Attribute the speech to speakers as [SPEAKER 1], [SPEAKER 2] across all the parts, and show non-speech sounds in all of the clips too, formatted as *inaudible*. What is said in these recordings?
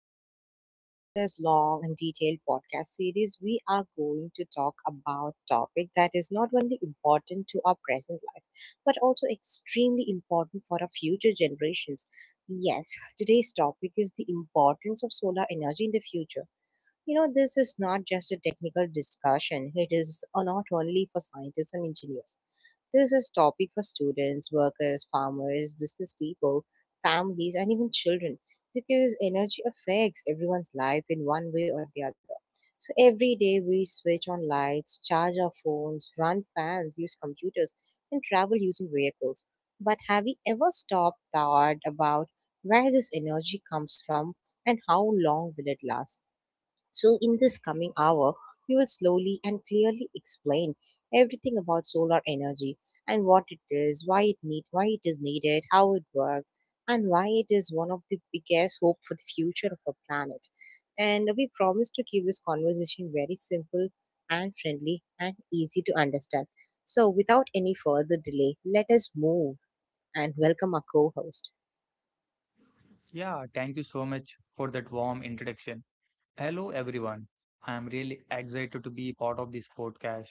[SPEAKER 1] today. So, in this long and detailed podcast series, we are going to talk about topic that is not only important to our present life, but also extremely important for our future generations. Yes, today's topic is the importance of solar energy in the future. This is not just a technical discussion. It is not only for scientists and engineers. This is topic for students, workers, farmers, business people, families, and even children because energy affects everyone's life in one way or the other. So every day we switch on lights, charge our phones, run fans, use computers, and travel using vehicles. But have we ever stopped thought about where this energy comes from and how long will it last? So, in this coming hour, we will slowly and clearly explain everything about solar energy and what it is, why it is needed, how it works, and why it is one of the biggest hope for the future of our planet. And we promise to keep this conversation very simple and friendly and easy to understand. So, without any further delay, let us move and welcome our co-host.
[SPEAKER 2] Yeah, thank you so much for that warm introduction. Hello, everyone. I am really excited to be part of this podcast.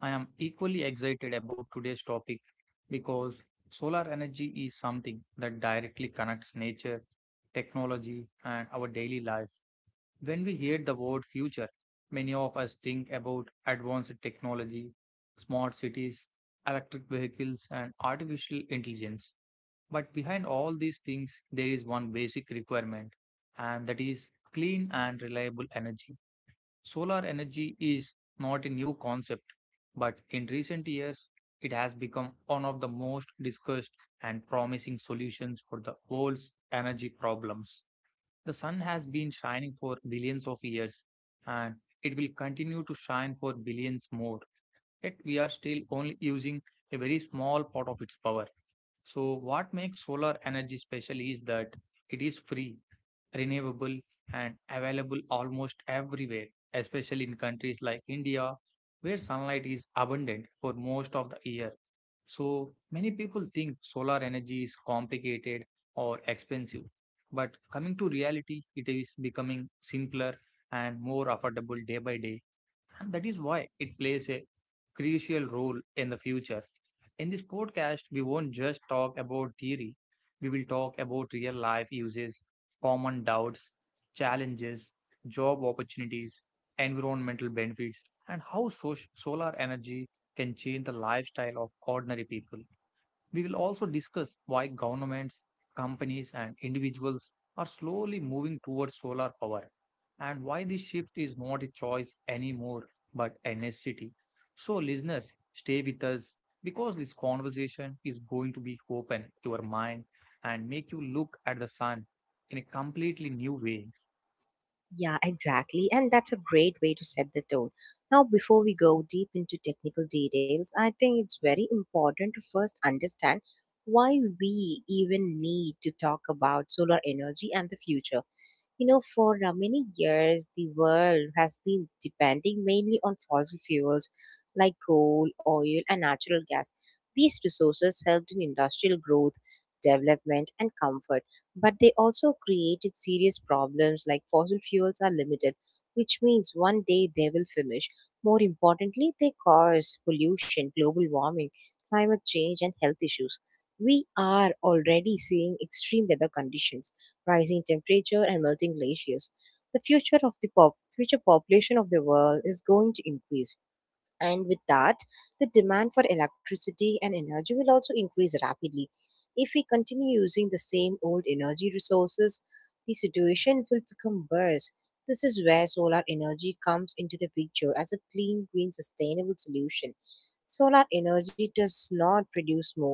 [SPEAKER 2] I am equally excited about today's topic because solar energy is something that directly connects nature, technology, and our daily life. When we hear the word future, many of us think about advanced technology, smart cities, electric vehicles, and artificial intelligence. But behind all these things, there is one basic requirement, and that is clean and reliable energy. Solar energy is not a new concept, but in recent years, it has become one of the most discussed and promising solutions for the world's energy problems. The sun has been shining for billions of years, and it will continue to shine for billions more. Yet, we are still only using a very small part of its power. So, what makes solar energy special is that it is free, renewable, and available almost everywhere, especially in countries like India, where sunlight is abundant for most of the year. So, many people think solar energy is complicated or expensive. But coming to reality, it is becoming simpler and more affordable day by day. And that is why it plays a crucial role in the future. In this podcast, we won't just talk about theory, we will talk about real life uses, common doubts, challenges, job opportunities, environmental benefits, and how solar energy can change the lifestyle of ordinary people. We will also discuss why governments, companies, and individuals are slowly moving towards solar power and why this shift is not a choice anymore but a necessity. So, listeners, stay with us because this conversation is going to be open your mind and make you look at the sun in a completely new way.
[SPEAKER 1] Yeah, exactly. And that's a great way to set the tone. Now, before we go deep into technical details, I think it's very important to first understand why we even need to talk about solar energy and the future. For many years, the world has been depending mainly on fossil fuels like coal, oil, and natural gas. These resources helped in industrial growth, development, and comfort, but they also created serious problems like fossil fuels are limited, which means one day they will finish. More importantly, they cause pollution, global warming, climate change, and health issues. We are already seeing extreme weather conditions rising temperature and melting glaciers. The future population of the world is going to increase. And with that, the demand for electricity and energy will also increase rapidly. If we continue using the same old energy resources, the situation will become worse. This is where solar energy comes into the picture as a clean, green, sustainable solution. Solar energy does not produce smoke,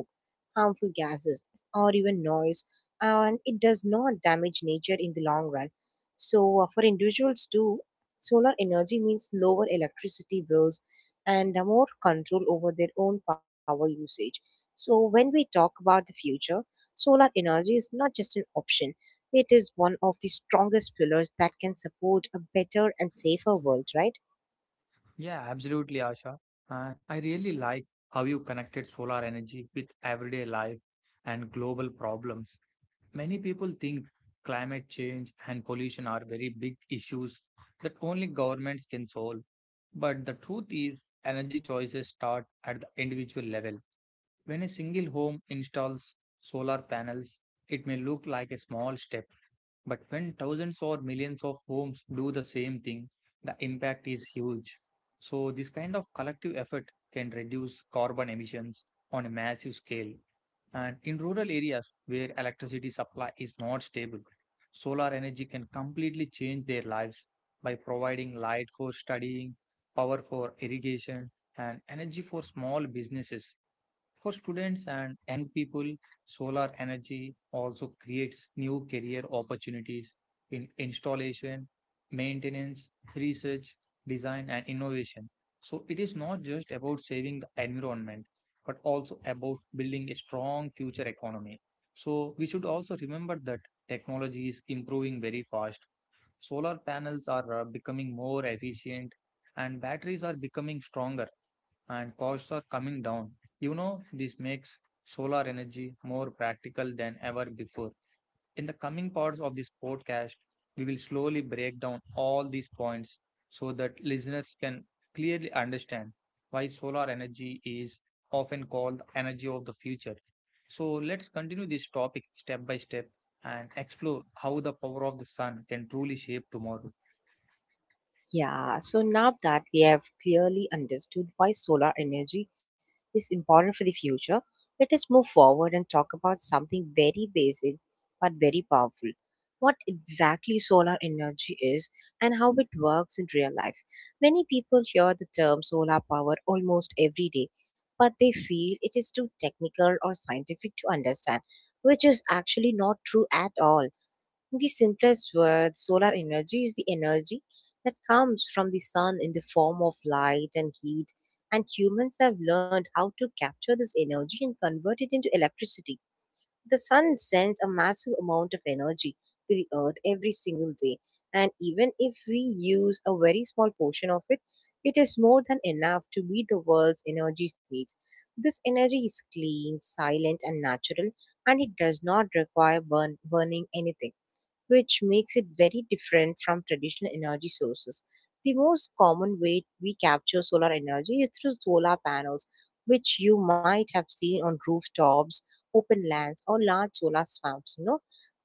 [SPEAKER 1] harmful gases, or even noise, and it does not damage nature in the long run. So, for individuals too, solar energy means lower electricity bills and more control over their own power usage. So, when we talk about the future, solar energy is not just an option, it is one of the strongest pillars that can support a better and safer world, right?
[SPEAKER 2] Yeah, absolutely, Asha. I really like how you connected solar energy with everyday life and global problems. Many people think climate change and pollution are very big issues that only governments can solve. But the truth is, energy choices start at the individual level. When a single home installs solar panels, it may look like a small step, but when thousands or millions of homes do the same thing, the impact is huge. So, this kind of collective effort can reduce carbon emissions on a massive scale. And in rural areas where electricity supply is not stable, solar energy can completely change their lives by providing light for studying, power for irrigation, and energy for small businesses. For students and young people, solar energy also creates new career opportunities in installation, maintenance, research, design, and innovation. So it is not just about saving the environment, but also about building a strong future economy. So we should also remember that technology is improving very fast. Solar panels are becoming more efficient and batteries are becoming stronger and costs are coming down. You know, this makes solar energy more practical than ever before. In the coming parts of this podcast, we will slowly break down all these points so that listeners can clearly understand why solar energy is often called the energy of the future. So let's continue this topic step by step and explore how the power of the sun can truly shape tomorrow.
[SPEAKER 1] Yeah, so now that we have clearly understood why solar energy is important for the future, let us move forward and talk about something very basic but very powerful. What exactly solar energy is and how it works in real life. Many people hear the term solar power almost every day, but they feel it is too technical or scientific to understand, which is actually not true at all. In the simplest words, solar energy is the energy that comes from the sun in the form of light and heat, and humans have learned how to capture this energy and convert it into electricity. The sun sends a massive amount of energy to the earth every single day, and even if we use a very small portion of it, it is more than enough to meet the world's energy needs. This energy is clean, silent, and natural, and it does not require burning anything, which makes it very different from traditional energy sources. The most common way we capture solar energy is through solar panels, which you might have seen on rooftops, open lands, or large solar farms.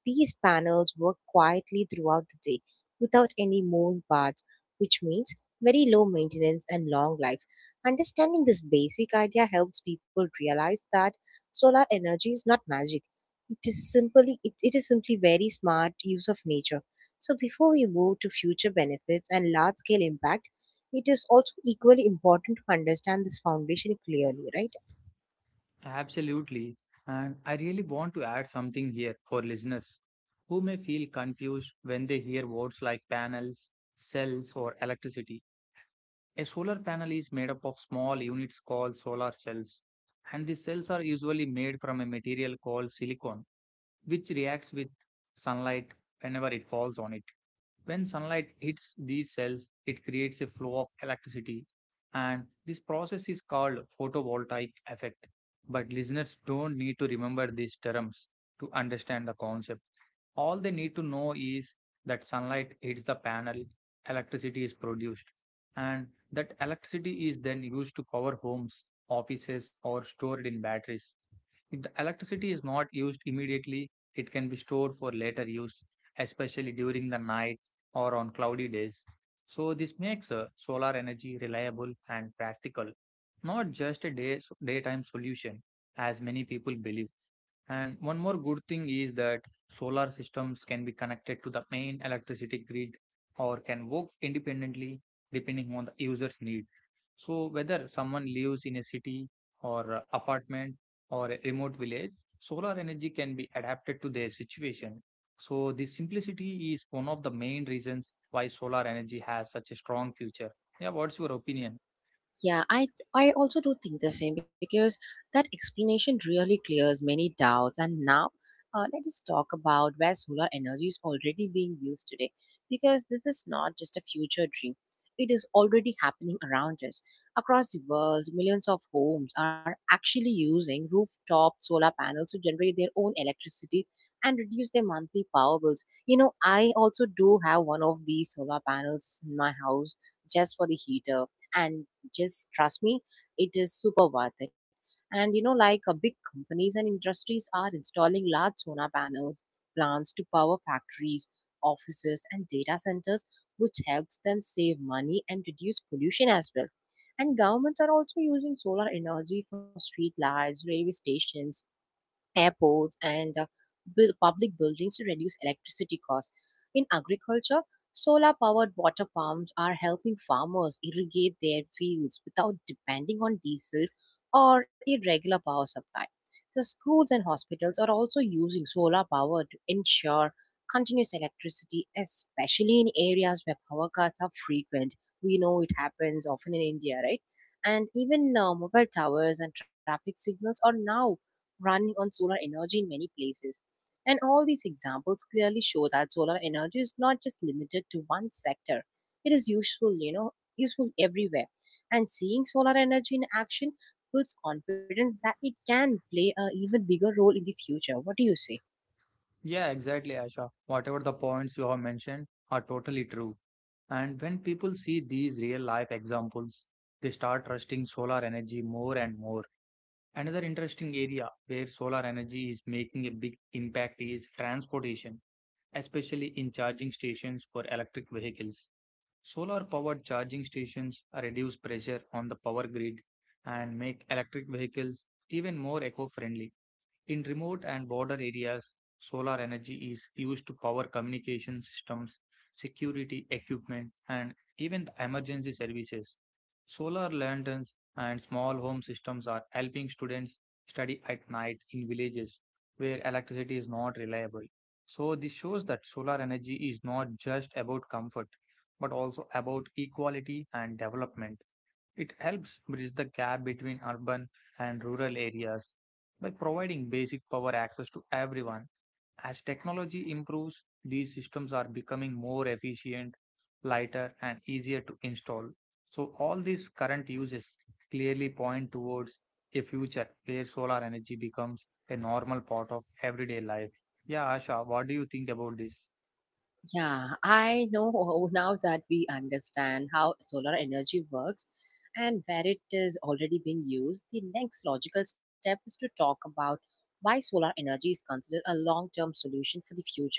[SPEAKER 1] These panels work quietly throughout the day without any moving parts, which means very low maintenance and long life. Understanding this basic idea helps people realize that solar energy is not magic. It is simply very smart use of nature. So before we move to future benefits and large scale impact, it is also equally important to understand this foundation clearly, right?
[SPEAKER 2] Absolutely. And I really want to add something here for listeners who may feel confused when they hear words like panels, cells, or electricity. A solar panel is made up of small units called solar cells, and the cells are usually made from a material called silicon, which reacts with sunlight whenever it falls on it. When sunlight hits these cells, it creates a flow of electricity, and this process is called photovoltaic effect. But listeners don't need to remember these terms to understand the concept. All they need to know is that sunlight hits the panel, electricity is produced, and that electricity is then used to power homes, offices, or stored in batteries. If the electricity is not used immediately, it can be stored for later use, especially during the night or on cloudy days. So, this makes solar energy reliable and practical, not just daytime solution, as many people believe. And one more good thing is that solar systems can be connected to the main electricity grid or can work independently depending on the user's need. So, whether someone lives in a city or a apartment or a remote village, solar energy can be adapted to their situation. So, this simplicity is one of the main reasons why solar energy has such a strong future. Yeah, what's your opinion?
[SPEAKER 1] Yeah, I also do think the same because that explanation really clears many doubts. And now, let us talk about where solar energy is already being used today, because this is not just a future dream. It is already happening around us. Across the world, millions of homes are actually using rooftop solar panels to generate their own electricity and reduce their monthly power bills. You know, I also do have one of these solar panels in my house just for the heater, and just trust me, it is super worth it. And big companies and industries are installing large solar panels plants to power factories, offices, and data centers, which helps them save money and reduce pollution as well. And governments are also using solar energy for street lights, railway stations, airports, and build public buildings to reduce electricity costs. In agriculture, solar powered water pumps are helping farmers irrigate their fields without depending on diesel or irregular power supply. So, schools and hospitals are also using solar power to ensure continuous electricity, especially in areas where power cuts are frequent. We know it happens often in India, right? And even mobile towers and traffic signals are now running on solar energy in many places. And all these examples clearly show that solar energy is not just limited to one sector. It is useful, useful everywhere. And seeing solar energy in action builds confidence that it can play a even bigger role in the future. What do you say?
[SPEAKER 2] Yeah, exactly, Asha. Whatever the points you have mentioned are totally true. And when people see these real life examples, they start trusting solar energy more and more. Another interesting area where solar energy is making a big impact is transportation, especially in charging stations for electric vehicles. Solar powered charging stations reduce pressure on the power grid and make electric vehicles even more eco friendly. In remote and border areas, solar energy is used to power communication systems, security equipment, and even the emergency services. Solar lanterns and small home systems are helping students study at night in villages where electricity is not reliable. So, this shows that solar energy is not just about comfort, but also about equality and development. It helps bridge the gap between urban and rural areas by providing basic power access to everyone. As technology improves, these systems are becoming more efficient, lighter, and easier to install. So, all these current uses clearly point towards a future where solar energy becomes a normal part of everyday life. Yeah, Asha, what do you think about this?
[SPEAKER 1] Yeah, I know *laughs* now that we understand how solar energy works and where it is already being used. The next logical step is to talk about why solar energy is considered a long term solution for the future.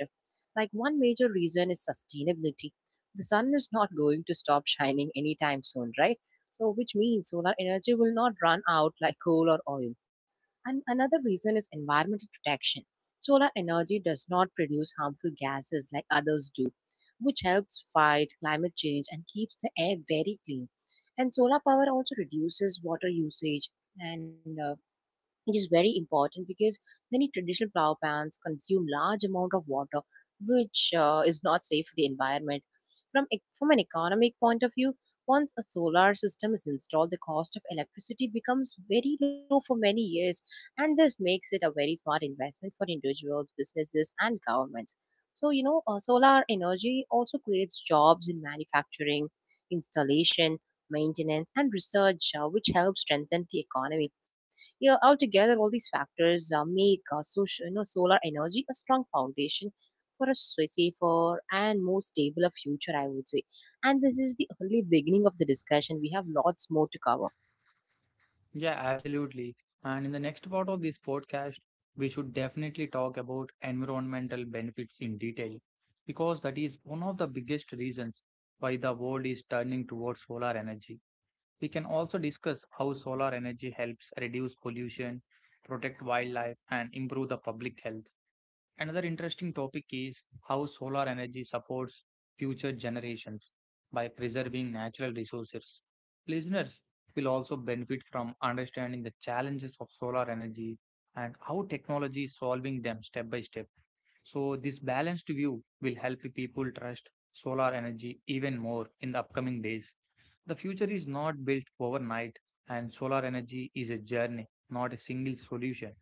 [SPEAKER 1] Like, one major reason is sustainability. The sun is not going to stop shining anytime soon, right? So, which means solar energy will not run out like coal or oil. And another reason is environmental protection. Solar energy does not produce harmful gases like others do, which helps fight climate change and keeps the air very clean. And solar power also reduces water usage, and it is very important because many traditional flower plants consume large amount of water, which is not safe for the environment. From an economic point of view, once a solar system is installed, the cost of electricity becomes very low for many years, and this makes it a very smart investment for individuals, businesses, and governments. So solar energy also creates jobs in manufacturing, installation, maintenance, and research, which helps strengthen the economy. Yeah, altogether, all these factors make solar energy a strong foundation for a safer and more stable future, I would say. And this is the only beginning of the discussion. We have lots more to cover.
[SPEAKER 2] Yeah, absolutely. And in the next part of this podcast, we should definitely talk about environmental benefits in detail because that is one of the biggest reasons why the world is turning towards solar energy. We can also discuss how solar energy helps reduce pollution, protect wildlife, and improve the public health. Another interesting topic is how solar energy supports future generations by preserving natural resources. Listeners will also benefit from understanding the challenges of solar energy and how technology is solving them step by step. So, this balanced view will help people trust solar energy even more in the upcoming days. The future is not built overnight, and solar energy is a journey, not a single solution.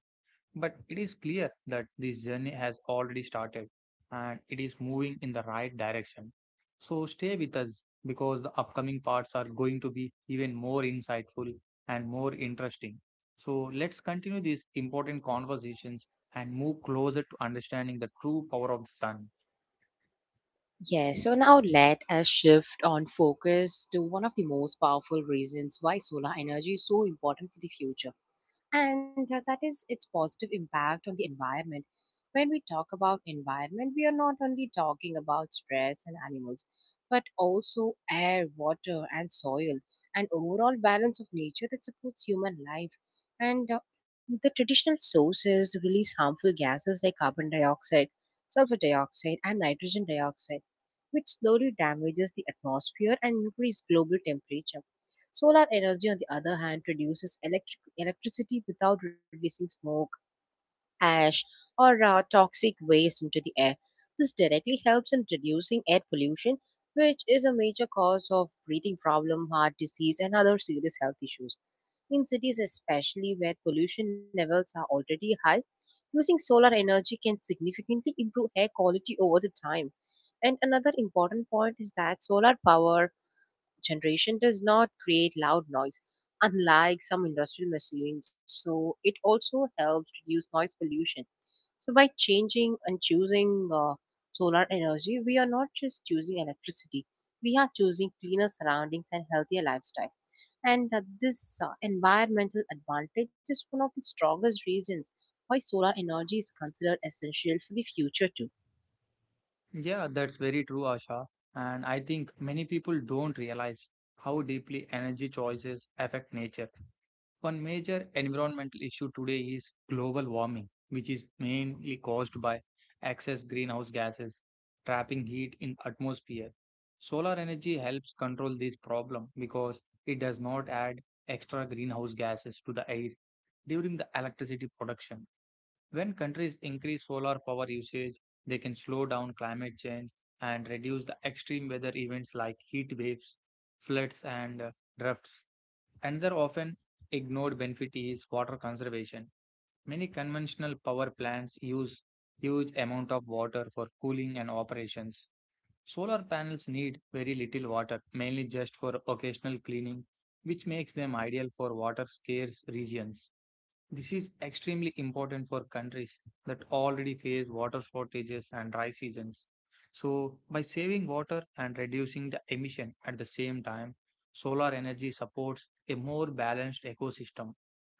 [SPEAKER 2] But it is clear that this journey has already started and it is moving in the right direction. So stay with us because the upcoming parts are going to be even more insightful and more interesting. So let's continue these important conversations and move closer to understanding the true power of the sun.
[SPEAKER 1] Yes, so now let us shift on focus to one of the most powerful reasons why solar energy is so important for the future, and that is its positive impact on the environment. When we talk about environment, we are not only talking about stress and animals, but also air, water, and soil, and overall balance of nature that supports human life. And the traditional sources release harmful gases like carbon dioxide, sulfur dioxide, and nitrogen dioxide, which slowly damages the atmosphere and increases global temperature. Solar energy, on the other hand, produces electricity without releasing smoke, ash, or toxic waste into the air. This directly helps in reducing air pollution, which is a major cause of breathing problem, heart disease, and other serious health issues. In cities, especially where pollution levels are already high, using solar energy can significantly improve air quality over the time. And another important point is that solar power generation does not create loud noise, unlike some industrial machines. So it also helps reduce noise pollution. So by changing and choosing solar energy, we are not just choosing electricity; we are choosing cleaner surroundings and healthier lifestyle. And this environmental advantage is one of the strongest reasons why solar energy is considered essential for the future too.
[SPEAKER 2] Yeah, that's very true, Asha. And I think many people don't realize how deeply energy choices affect nature. One major environmental issue today is global warming, which is mainly caused by excess greenhouse gases trapping heat in atmosphere. Solar energy helps control this problem because it does not add extra greenhouse gases to the air during the electricity production. When countries increase solar power usage, they can slow down climate change and reduce the extreme weather events like heat waves, floods, and droughts. Another often ignored benefit is water conservation. Many conventional power plants use huge amount of water for cooling and operations. Solar panels need very little water, mainly just for occasional cleaning, which makes them ideal for water scarce regions. This is extremely important for countries that already face water shortages and dry seasons. So, by saving water and reducing the emission at the same time, solar energy supports a more balanced ecosystem.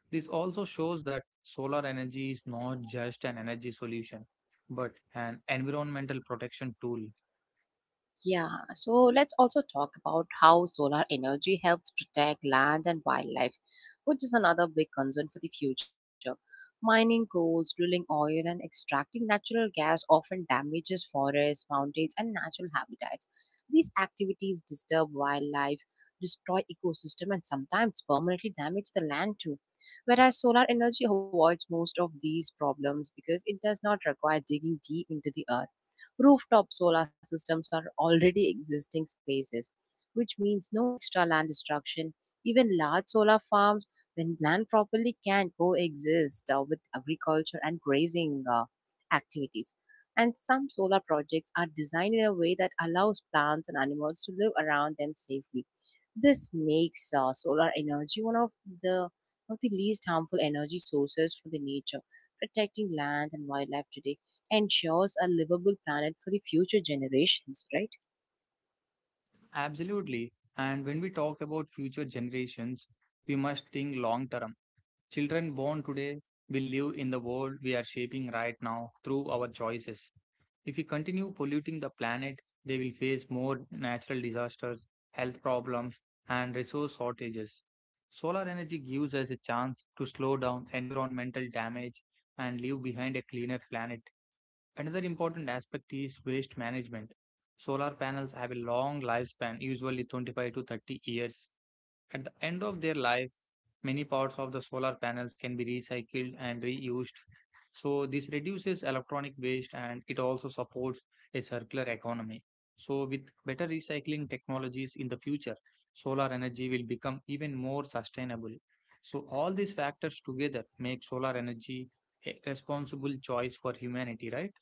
[SPEAKER 2] This also shows that solar energy is not just an energy solution, but an environmental protection tool.
[SPEAKER 1] Yeah, so let's also talk about how solar energy helps protect land and wildlife, which is another big concern for the future. Mining coals, drilling oil, and extracting natural gas often damages forests, mountains, and natural habitats. These activities disturb wildlife, destroy ecosystem, and sometimes permanently damage the land too. Whereas solar energy avoids most of these problems because it does not require digging deep into the earth. Rooftop solar systems are already existing spaces, which means no extra land destruction. Even large solar farms, when planned properly, can coexist with agriculture and grazing activities. And some solar projects are designed in a way that allows plants and animals to live around them safely. This makes solar energy the one of the least harmful energy sources for the nature, protecting land and wildlife today ensures a livable planet for the future generations, right?
[SPEAKER 2] Absolutely. And when we talk about future generations, we must think long term. Children born today will live in the world we are shaping right now through our choices. If we continue polluting the planet, they will face more natural disasters, health problems, and resource shortages. Solar energy gives us a chance to slow down environmental damage and leave behind a cleaner planet. Another important aspect is waste management. Solar panels have a long lifespan, usually 25 to 30 years. At the end of their life, many parts of the solar panels can be recycled and reused. So this reduces electronic waste and it also supports a circular economy. So with better recycling technologies in the future, solar energy will become even more sustainable. So all these factors together make solar energy a responsible choice for humanity, right?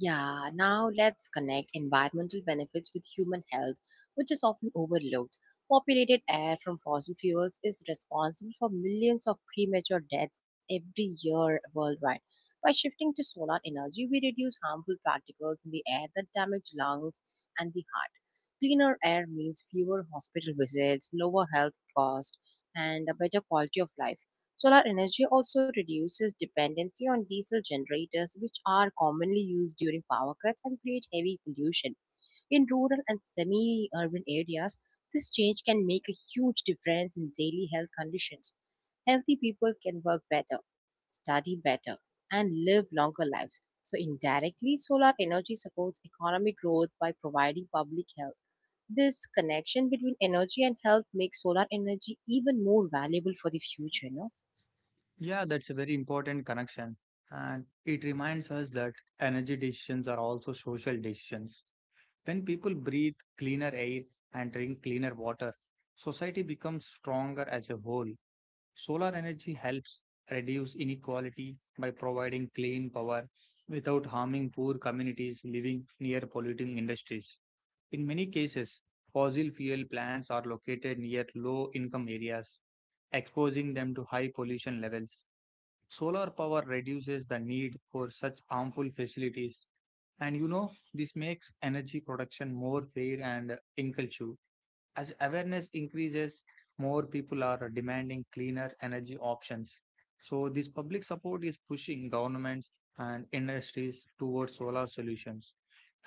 [SPEAKER 1] Yeah, now let's connect environmental benefits with human health, which is often overlooked. Populated air from fossil fuels is responsible for millions of premature deaths every year worldwide. By shifting to solar energy, we reduce harmful particles in the air that damage lungs and the heart. Cleaner air means fewer hospital visits, lower health costs, and a better quality of life. Solar energy also reduces dependency on diesel generators, which are commonly used during power cuts and create heavy pollution. In rural and semi urban areas, this change can make a huge difference in daily health conditions. Healthy people can work better, study better, and live longer lives. So, indirectly, solar energy supports economic growth by providing public health. This connection between energy and health makes solar energy even more valuable for the future, no?
[SPEAKER 2] Yeah, that's a very important connection. And it reminds us that energy decisions are also social decisions. When people breathe cleaner air and drink cleaner water, society becomes stronger as a whole. Solar energy helps reduce inequality by providing clean power without harming poor communities living near polluting industries. In many cases, fossil fuel plants are located near low income areas, exposing them to high pollution levels. Solar power reduces the need for such harmful facilities. This makes energy production more fair and inclusive. As awareness increases, more people are demanding cleaner energy options. So, this public support is pushing governments and industries towards solar solutions.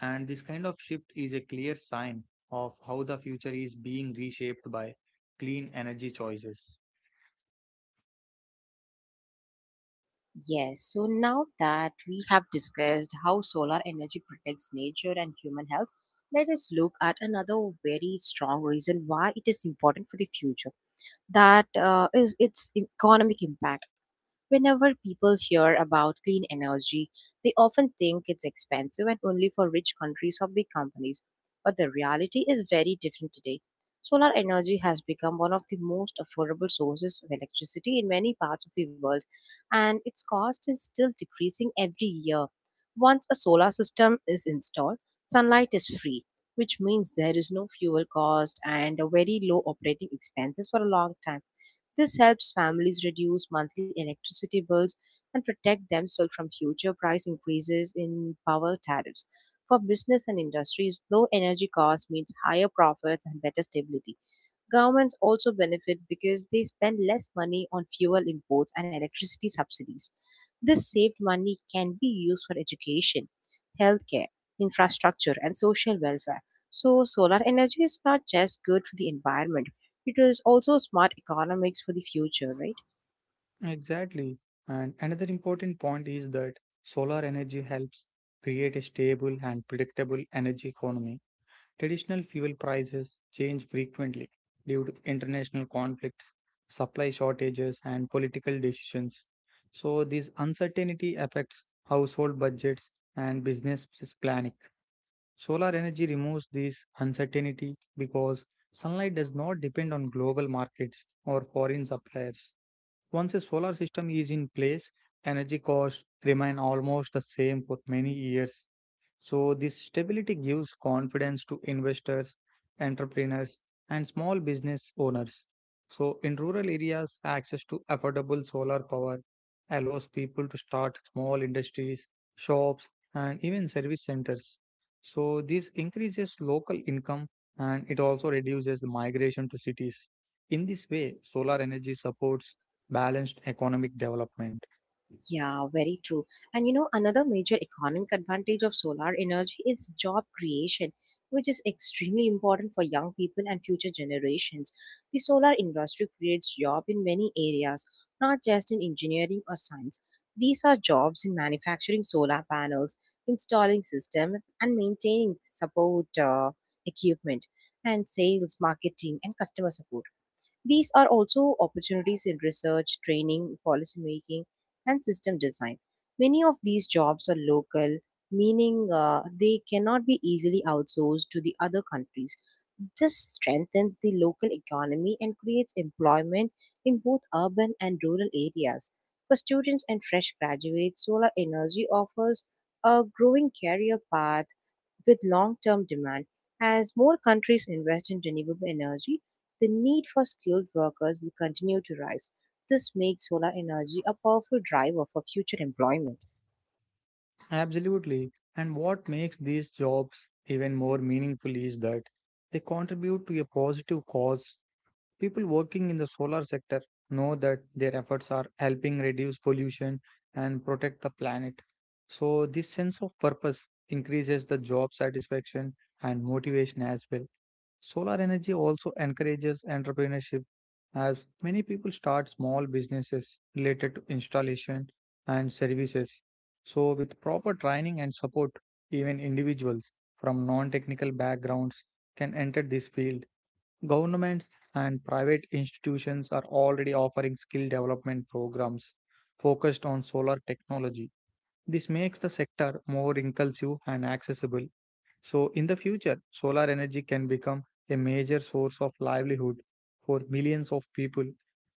[SPEAKER 2] And this kind of shift is a clear sign of how the future is being reshaped by clean energy choices.
[SPEAKER 1] Yes, so now that we have discussed how solar energy protects nature and human health, let us look at another very strong reason why it is important for the future. That is its economic impact. Whenever people hear about clean energy, they often think it's expensive and only for rich countries or big companies. But the reality is very different today. Solar energy has become one of the most affordable sources of electricity in many parts of the world, and its cost is still decreasing every year. Once a solar system is installed, sunlight is free, which means there is no fuel cost and a very low operating expenses for a long time. This helps families reduce monthly electricity bills and protect themselves from future price increases in power tariffs. For business and industries, low energy costs means higher profits and better stability. Governments also benefit because they spend less money on fuel imports and electricity subsidies. This saved money can be used for education, healthcare, infrastructure, and social welfare. So, solar energy is not just good for the environment, it is also smart economics for the future, right?
[SPEAKER 2] Exactly. And another important point is that solar energy helps create a stable and predictable energy economy. Traditional fuel prices change frequently due to international conflicts, supply shortages, and political decisions. So, this uncertainty affects household budgets and planning. Solar energy removes this uncertainty because sunlight does not depend on global markets or foreign suppliers. Once a solar system is in place, energy costs remain almost the same for many years. So, this stability gives confidence to investors, entrepreneurs, and small business owners. So, in rural areas, access to affordable solar power allows people to start small industries, shops, and even service centers. So, this increases local income and it also reduces the migration to cities. In this way, solar energy supports balanced economic development.
[SPEAKER 1] Yeah, very true. And you know, another major economic advantage of solar energy is job creation, which is extremely important for young people and future generations. The solar industry creates jobs in many areas, not just in engineering or science. These are jobs in manufacturing solar panels, installing systems, and maintaining support equipment, and sales, marketing, and customer support. These are also opportunities in research, training, policy making, and system design. Many of these jobs are local, meaning they cannot be easily outsourced to the other countries. This strengthens the local economy and creates employment in both urban and rural areas. For students and fresh graduates, solar energy offers a growing career path with long-term demand. As more countries invest in renewable energy, the need for skilled workers will continue to rise. This makes solar energy a powerful driver for future employment.
[SPEAKER 2] Absolutely. And what makes these jobs even more meaningful is that they contribute to a positive cause. People working in the solar sector know that their efforts are helping reduce pollution and protect the planet. So, this sense of purpose increases the job satisfaction and motivation as well. Solar energy also encourages entrepreneurship as many people start small businesses related to installation and services. So, with proper training and support, even individuals from non technical backgrounds can enter this field. Governments and private institutions are already offering skill development programs focused on solar technology. This makes the sector more inclusive and accessible. So, in the future, solar energy can become a major source of livelihood for millions of people.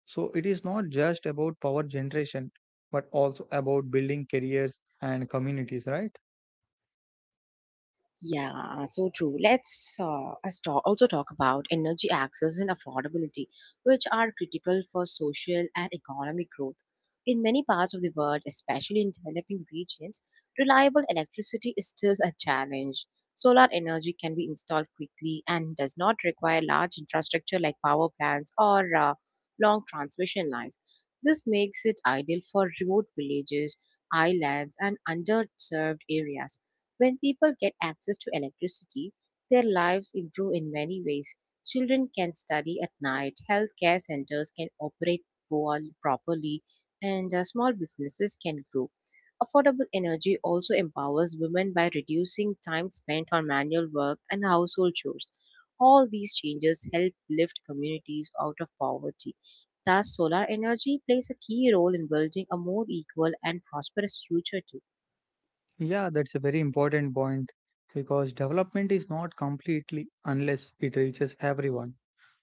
[SPEAKER 2] So, it is not just about power generation, but also about building careers and communities, right?
[SPEAKER 1] Yeah, so true. Let's also talk about energy access and affordability, which are critical for social and economic growth. In many parts of the world, especially in developing regions, reliable electricity is still a challenge. Solar energy can be installed quickly and does not require large infrastructure like power plants or long transmission lines. This makes it ideal for remote villages, islands, and underserved areas when people get access to electricity, their lives improve in many ways. Children can study at night, healthcare centers can operate properly, and small businesses can grow. Affordable energy also empowers women by reducing time spent on manual work and household chores. All these changes help lift communities out of poverty. Thus, solar energy plays a key role in building a more equal and prosperous future too.
[SPEAKER 2] Yeah, that's a very important point because development is not completely unless it reaches everyone.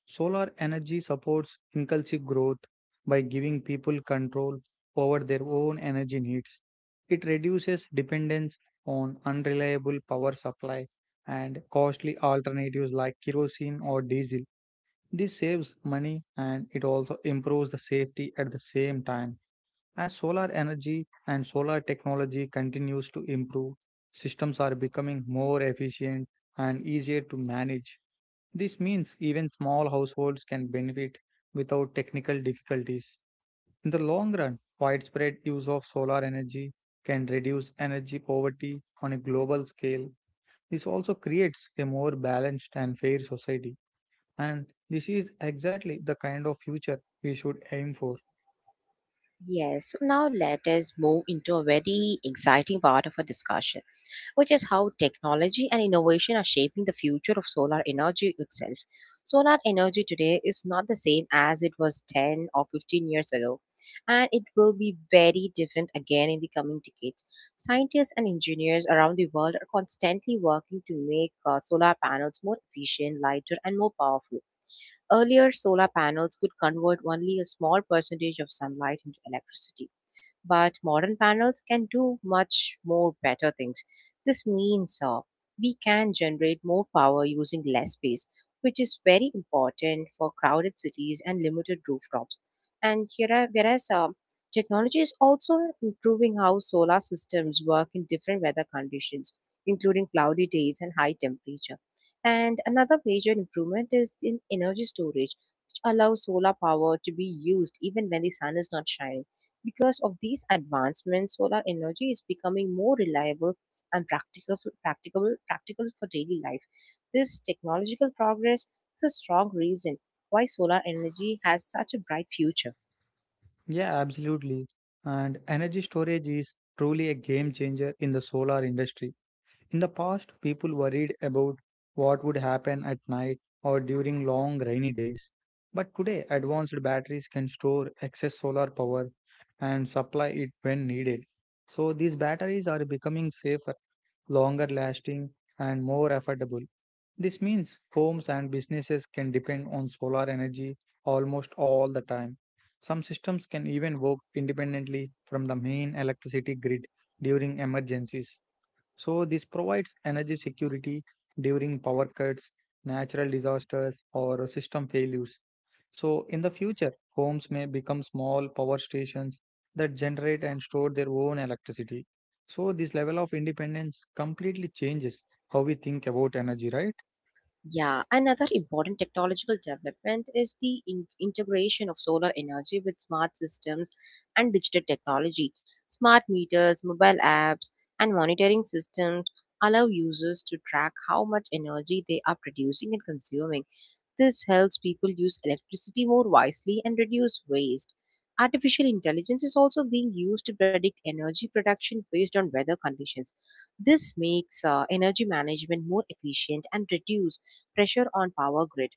[SPEAKER 2] Solar energy supports inclusive growth by giving people control over their own energy needs. It reduces dependence on unreliable power supply and costly alternatives like kerosene or diesel. This saves money and it also improves the safety at the same time. As solar energy and solar technology continues to improve, systems are becoming more efficient and easier to manage. This means even small households can benefit without technical difficulties. In the long run, widespread use of solar energy can reduce energy poverty on a global scale. This also creates a more balanced and fair society. And this is exactly the kind of future we should aim for.
[SPEAKER 1] Yes, so now let us move into a very exciting part of our discussion, which is how technology and innovation are shaping the future of solar energy itself. Solar energy today is not the same as it was 10 or 15 years ago, and it will be very different again in the coming decades. Scientists and engineers around the world are constantly working to make solar panels more efficient, lighter, and more powerful. Earlier, solar panels could convert only a small percentage of sunlight into electricity but modern panels can do much more better things. This means we can generate more power using less space, which is very important for crowded cities and limited rooftops. Whereas technology is also improving how solar systems work in different weather conditions, including cloudy days and high temperature. And another major improvement is in energy storage, which allows solar power to be used even when the sun is not shining because of these advancements, solar energy is becoming more reliable and practical for daily life. This technological progress is a strong reason why solar energy has such a bright future.
[SPEAKER 2] Yeah, absolutely. And energy storage is truly a game changer in the solar industry. In the past, people worried about what would happen at night or during long rainy days. But today, advanced batteries can store excess solar power and supply it when needed. So, these batteries are becoming safer, longer lasting, and more affordable. This means homes and businesses can depend on solar energy almost all the time. Some systems can even work independently from the main electricity grid during emergencies. So, this provides energy security during power cuts, natural disasters, or system failures. So, in the future, homes may become small power stations that generate and store their own electricity. So, this level of independence completely changes how we think about energy, right?
[SPEAKER 1] Yeah, another important technological development is the integration of solar energy with smart systems and digital technology. Smart meters, mobile apps, and monitoring systems allow users to track how much energy they are producing and consuming. This helps people use electricity more wisely and reduce waste. Artificial intelligence is also being used to predict energy production based on weather conditions. This makes energy management more efficient and reduce pressure on power grid.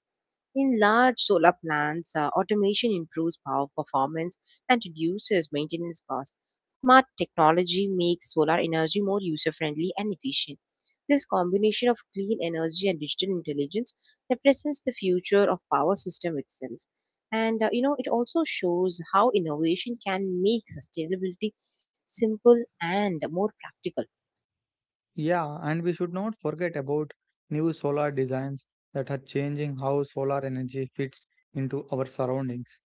[SPEAKER 1] In large solar plants, automation improves power performance and reduces maintenance costs. Smart technology makes solar energy more user friendly and efficient. This combination of clean energy and digital intelligence represents the future of power system itself. And you know, it also shows how innovation can make sustainability simple and more practical.
[SPEAKER 2] Yeah, and we should not forget about new solar designs that are changing how solar energy fits into our surroundings.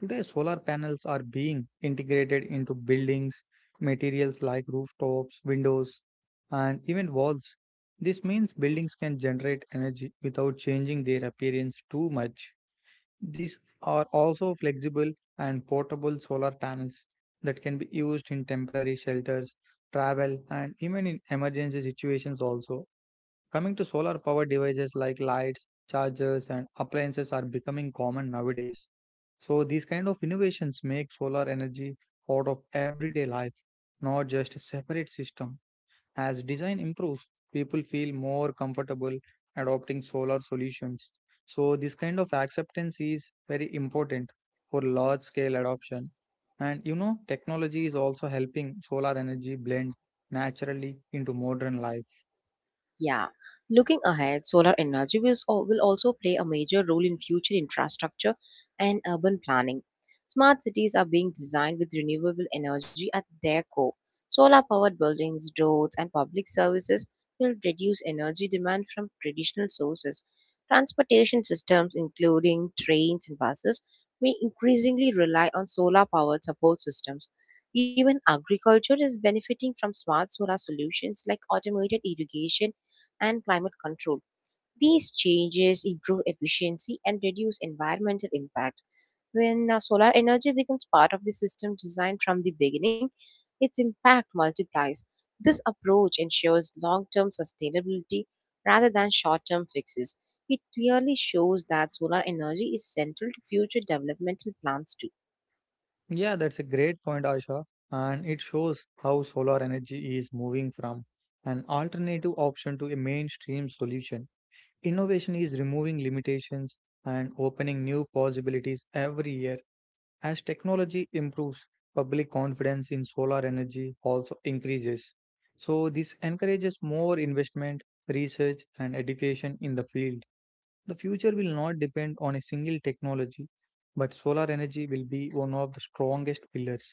[SPEAKER 2] Today, solar panels are being integrated into buildings, materials like rooftops, windows, and even walls. This means buildings can generate energy without changing their appearance too much. These are also flexible and portable solar panels that can be used in temporary shelters, travel, and even in emergency situations also. Coming to solar power devices like lights, chargers, and appliances are becoming common nowadays. So these kind of innovations make solar energy part of everyday life, not just a separate system. As design improves, people feel more comfortable adopting solar solutions. So, this kind of acceptance is very important for large scale adoption. Technology is also helping solar energy blend naturally into modern life.
[SPEAKER 1] Yeah, looking ahead, solar energy will also play a major role in future infrastructure and urban planning. Smart cities are being designed with renewable energy at their core. Solar powered buildings, roads, and public services will reduce energy demand from traditional sources. Transportation systems, including trains and buses, may increasingly rely on solar powered support systems. Even agriculture is benefiting from smart solar solutions like automated irrigation and climate control. These changes improve efficiency and reduce environmental impact. When solar energy becomes part of the system design from the beginning, its impact multiplies. This approach ensures long term sustainability rather than short term fixes. It clearly shows that solar energy is central to future developmental plans too.
[SPEAKER 2] Yeah, that's a great point, Asha. And it shows how solar energy is moving from an alternative option to a mainstream solution. Innovation is removing limitations and opening new possibilities every year. As technology improves, public confidence in solar energy also increases. So, this encourages more investment, research, and education in the field. The future will not depend on a single technology, but solar energy will be one of the strongest pillars.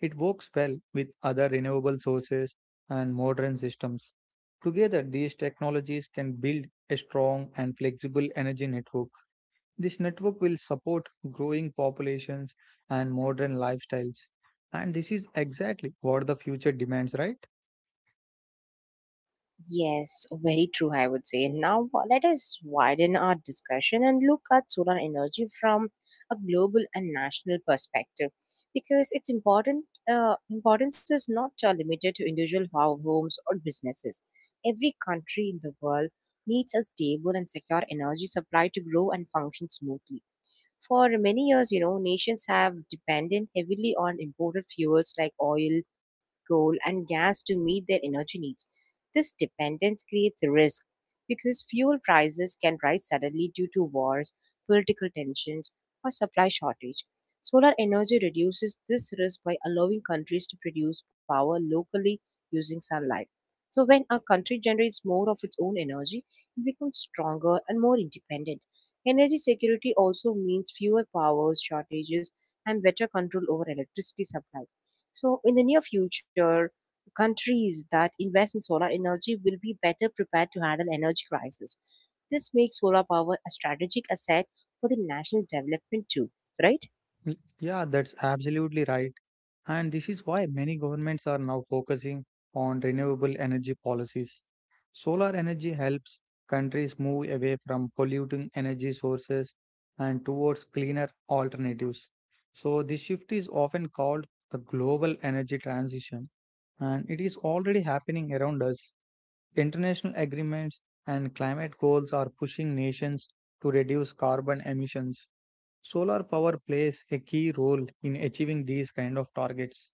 [SPEAKER 2] It works well with other renewable sources and modern systems. Together, these technologies can build a strong and flexible energy network. This network will support growing populations and modern lifestyles. And this is exactly what the future demands, right?
[SPEAKER 1] Yes, very true, I would say. Now, let us widen our discussion and look at solar energy from a global and national perspective, because its important importance is not limited to individual homes or businesses. Every country in the world needs a stable and secure energy supply to grow and function smoothly. For many years, you know, nations have depended heavily on imported fuels like oil, coal, and gas to meet their energy needs. This dependence creates a risk because fuel prices can rise suddenly due to wars, political tensions, or supply shortage. Solar energy reduces this risk by allowing countries to produce power locally using sunlight. So, when a country generates more of its own energy, it becomes stronger and more independent. Energy security also means fewer power shortages and better control over electricity supply. So, in the near future, countries that invest in solar energy will be better prepared to handle energy crisis. This makes solar power a strategic asset for the national development too, right?
[SPEAKER 2] Yeah, that's absolutely right. And this is why many governments are now focusing on renewable energy policies. Solar energy helps countries move away from polluting energy sources and towards cleaner alternatives. So, this shift is often called the global energy transition, and it is already happening around us. International agreements and climate goals are pushing nations to reduce carbon emissions. Solar power plays a key role in achieving these kind of targets.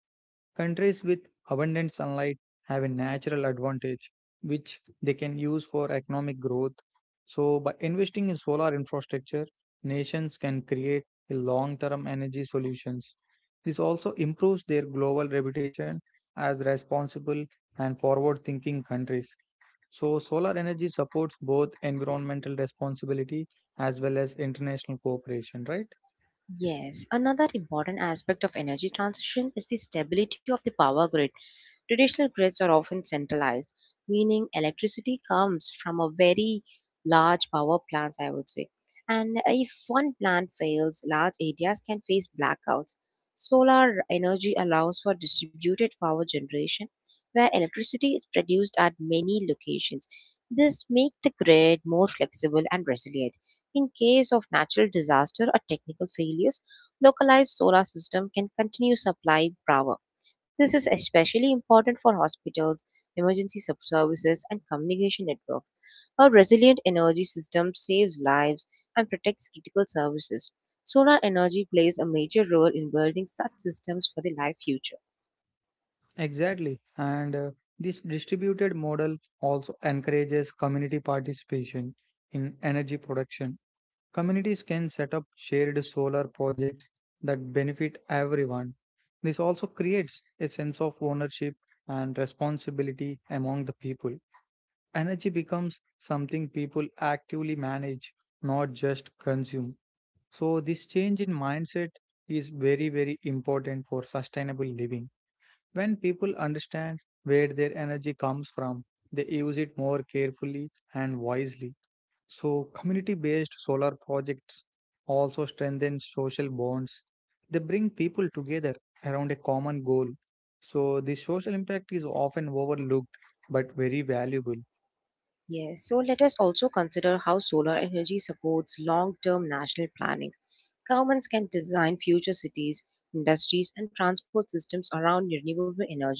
[SPEAKER 2] Countries with abundant sunlight have a natural advantage which they can use for economic growth. So by investing in solar infrastructure, nations can create a long-term energy solutions. This also improves their global reputation as responsible and forward-thinking countries. So, solar energy supports both environmental responsibility as well as international cooperation, right?
[SPEAKER 1] Yes, another important aspect of energy transition is the stability of the power grid. Traditional grids are often centralized, meaning electricity comes from a very large power plants, I would say. And if one plant fails, large areas can face blackouts. Solar energy allows for distributed power generation, where electricity is produced at many locations. This makes the grid more flexible and resilient. In case of natural disaster or technical failures, localized solar system can continue supply power. This is especially important for hospitals, services, and communication networks. A resilient energy system saves lives and protects critical services. Solar energy plays a major role in building such systems for the life future.
[SPEAKER 2] Exactly. And This distributed model also encourages community participation in energy production. Communities can set up shared solar projects that benefit everyone. This also creates a sense of ownership and responsibility among the people. Energy becomes something people actively manage, not just consume. So, this change in mindset is very, very important for sustainable living. When people understand where their energy comes from, they use it more carefully and wisely. So, community based solar projects also strengthen social bonds. They bring people together around a common goal. So, the social impact is often overlooked but very valuable.
[SPEAKER 1] Yes, so let us also consider how solar energy supports long term national planning. Governments can design future cities, industries, and transport systems around renewable energy.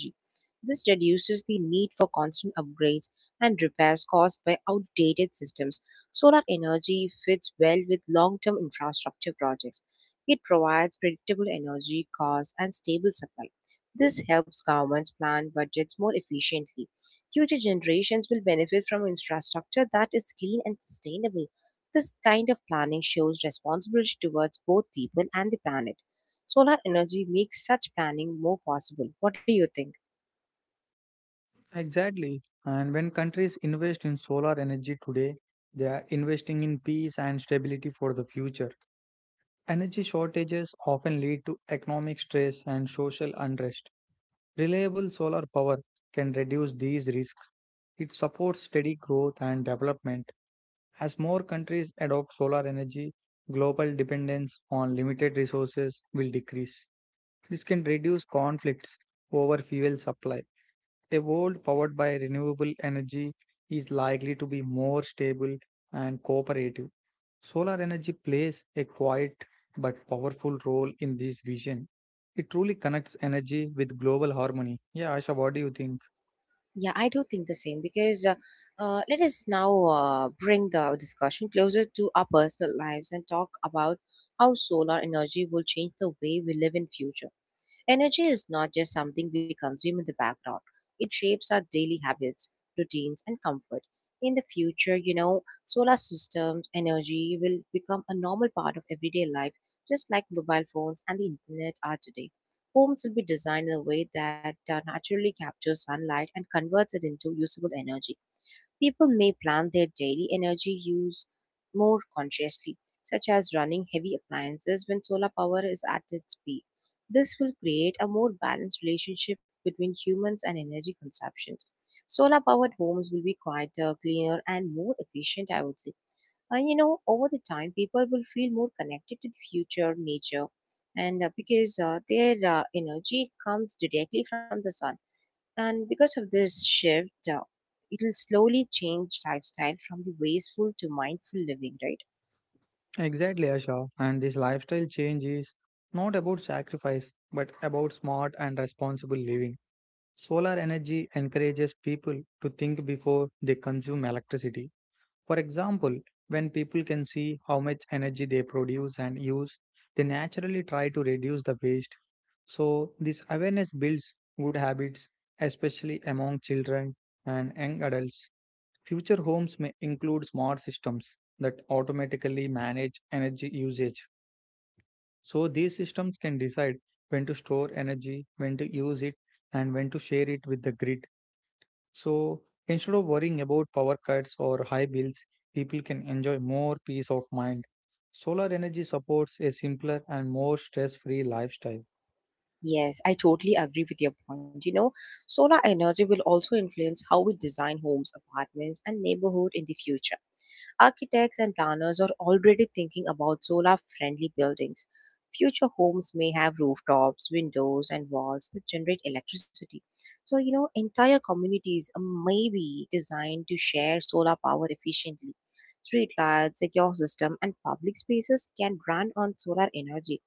[SPEAKER 1] This reduces the need for constant upgrades and repairs caused by outdated systems. Solar energy fits well with long term infrastructure projects. It provides predictable energy costs and stable supply. This helps governments plan budgets more efficiently. Future generations will benefit from infrastructure that is clean and sustainable. This kind of planning shows responsibility towards both people and the planet. Solar energy makes such planning more possible. What do you think?
[SPEAKER 2] Exactly. And when countries invest in solar energy today, they are investing in peace and stability for the future. Energy shortages often lead to economic stress and social unrest. Reliable solar power can reduce these risks. It supports steady growth and development. As more countries adopt solar energy, global dependence on limited resources will decrease. This can reduce conflicts over fuel supply. A world powered by renewable energy is likely to be more stable and cooperative. Solar energy plays a quiet but powerful role in this vision. It truly connects energy with global harmony. Yeah, Asha, what do you think?
[SPEAKER 1] Yeah, I do think the same because let us now bring the discussion closer to our personal lives and talk about how solar energy will change the way we live in future. Energy is not just something we consume in the background. It shapes our daily habits, routines, and comfort. In the future, solar systems energy will become a normal part of everyday life, just like mobile phones and the internet are today. Homes will be designed in a way that naturally captures sunlight and converts it into usable energy. People may plan their daily energy use more consciously, such as running heavy appliances when solar power is at its peak. This will create a more balanced relationship between humans and energy consumption. Solar powered homes will be quieter, cleaner, and more efficient, I would say. And you know, over the time, people will feel more connected to the future, nature, and because their energy comes directly from the sun and because of this shift, it will slowly change lifestyle from the wasteful to mindful living, right?
[SPEAKER 2] Exactly, Asha. And this lifestyle change is not about sacrifice, but about smart and responsible living. Solar energy encourages people to think before they consume electricity. For example, when people can see how much energy they produce and use, they naturally try to reduce the waste. So, this awareness builds good habits, especially among children and young adults. Future homes may include smart systems that automatically manage energy usage. So, these systems can decide when to store energy, when to use it, and when to share it with the grid. So instead of worrying about power cuts or high bills, people can enjoy more peace of mind. Solar energy supports a simpler and more stress free lifestyle.
[SPEAKER 1] Yes, I totally agree with your point. You know, solar energy will also influence how we design homes, apartments, and neighborhood in the future. Architects and planners are already thinking about solar friendly buildings. Future homes may have rooftops, windows, and walls that generate electricity. So, you know, entire communities may be designed to share solar power efficiently. Streetlights, lights, secure system, and public spaces can run on solar energy,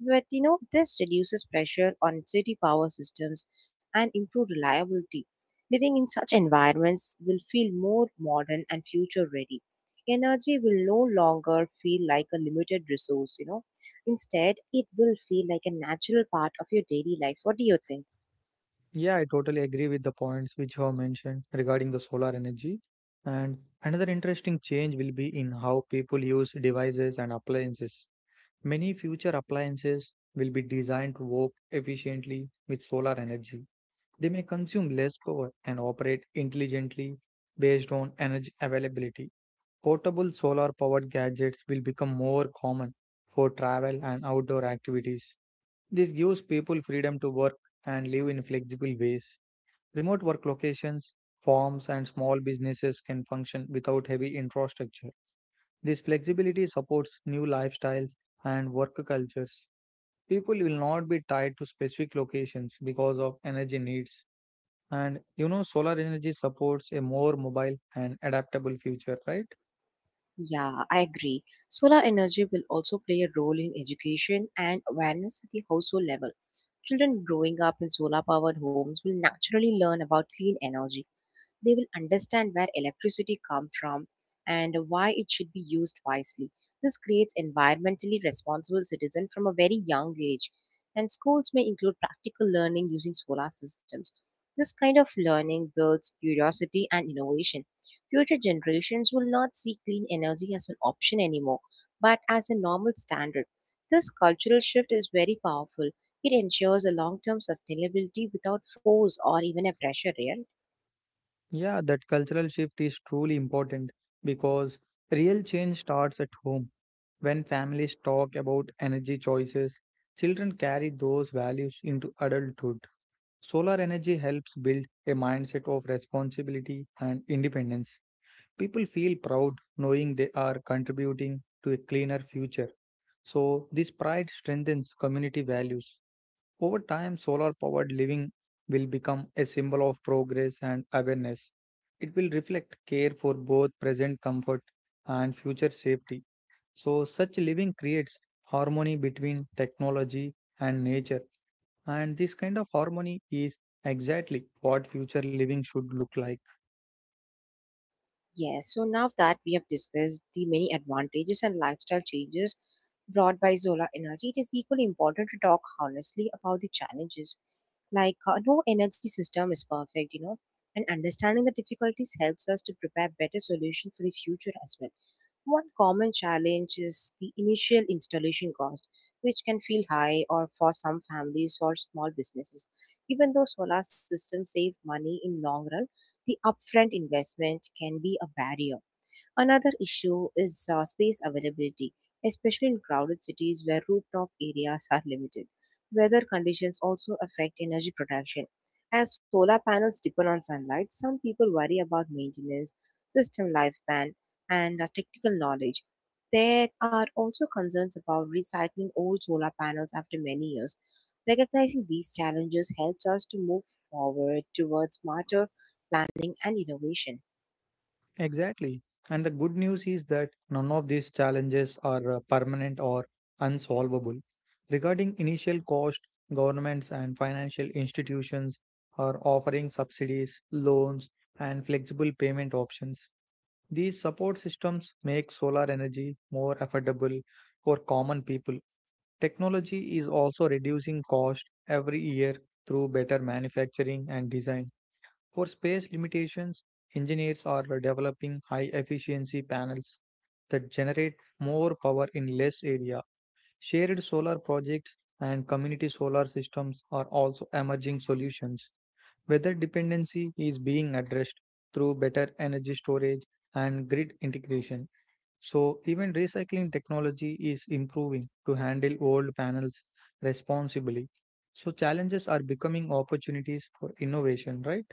[SPEAKER 1] but you know, this reduces pressure on city power systems and improved reliability. Living in such environments will feel more modern and future ready. Energy will no longer feel like a limited resource, you know. Instead, it will feel like a natural part of your daily life. What do you think?
[SPEAKER 2] Yeah, I totally agree with the points which you have mentioned regarding the solar energy. And another interesting change will be in how people use devices and appliances. Many future appliances will be designed to work efficiently with solar energy. They may consume less power and operate intelligently based on energy availability. Portable solar powered gadgets will become more common for travel and outdoor activities. This gives people freedom to work and live in flexible ways. Remote work locations, farms, and small businesses can function without heavy infrastructure. This flexibility supports new lifestyles and work cultures. People will not be tied to specific locations because of energy needs. Solar energy supports a more mobile and adaptable future, right?
[SPEAKER 1] Yeah, I agree. Solar energy will also play a role in education and awareness at the household level. Children growing up in solar powered homes will naturally learn about clean energy. They will understand where electricity comes from and why it should be used wisely. This creates environmentally responsible citizens from a very young age. And schools may include practical learning using solar systems. This kind of learning builds curiosity and innovation. Future generations will not see clean energy as an option anymore, but as a normal standard. This cultural shift is very powerful. It ensures a long term sustainability without force or even a pressure, real.
[SPEAKER 2] Yeah, that cultural shift is truly important because real change starts at home. When families talk about energy choices, children carry those values into adulthood. Solar energy helps build a mindset of responsibility and independence. People feel proud knowing they are contributing to a cleaner future. So, this pride strengthens community values. Over time, solar powered living will become a symbol of progress and awareness. It will reflect care for both present comfort and future safety. So, such living creates harmony between technology and nature, and this kind of harmony is exactly what future living should look like.
[SPEAKER 1] Yes, so now that we have discussed the many advantages and lifestyle changes brought by solar energy, it is equally important to talk honestly about the challenges. No energy system is perfect, you know, and understanding the difficulties helps us to prepare better solutions for the future as well. One common challenge is the initial installation cost, which can feel high or for some families or small businesses. Even though solar systems save money in long run, the upfront investment can be a barrier. Another issue is space availability, especially in crowded cities where rooftop areas are limited. Weather conditions also affect energy production. As solar panels depend on sunlight, some people worry about maintenance, system lifespan, and technical knowledge. There are also concerns about recycling old solar panels after many years. Recognizing these challenges helps us to move forward towards smarter planning and innovation.
[SPEAKER 2] Exactly. And the good news is that none of these challenges are permanent or unsolvable. Regarding initial cost, governments and financial institutions are offering subsidies, loans, and flexible payment options. These support systems make solar energy more affordable for common people. Technology is also reducing cost every year through better manufacturing and design. For space limitations, engineers are developing high efficiency panels that generate more power in less area. Shared solar projects and community solar systems are also emerging solutions. Weather dependency is being addressed through better energy storage and grid integration. So, even recycling technology is improving to handle old panels responsibly. So, challenges are becoming opportunities for innovation, right?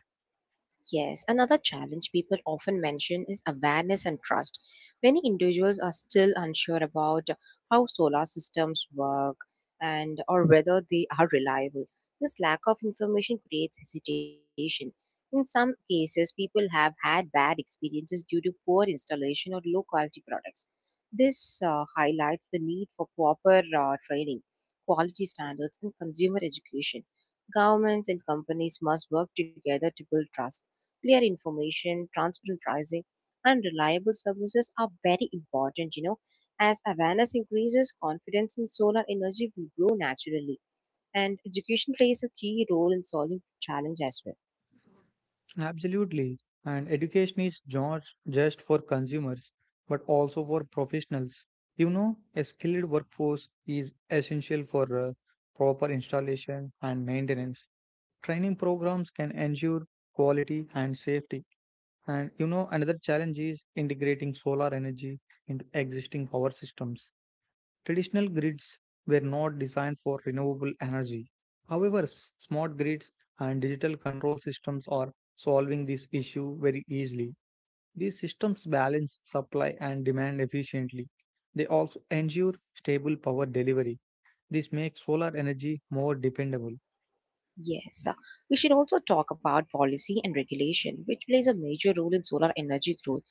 [SPEAKER 1] Yes, another challenge people often mention is awareness and trust. Many individuals are still unsure about how solar systems work and or whether they are reliable. This lack of information creates hesitation. In some cases, people have had bad experiences due to poor installation or low quality products. This highlights the need for proper training, quality standards, and consumer education. Governments and companies must work together to build trust. Clear information, transparent pricing, and reliable services are very important, you know. As awareness increases, confidence in solar energy will grow naturally. And education plays a key role in solving challenge as well.
[SPEAKER 2] Absolutely. And education is not just for consumers, but also for professionals. You know, a skilled workforce is essential for proper installation and maintenance. Training programs can ensure quality and safety. And you know, another challenge is integrating solar energy into existing power systems. Traditional grids were not designed for renewable energy. However, smart grids and digital control systems are solving this issue very easily. These systems balance supply and demand efficiently. They also ensure stable power delivery. This makes solar energy more dependable.
[SPEAKER 1] Yes, we should also talk about policy and regulation, which plays a major role in solar energy growth.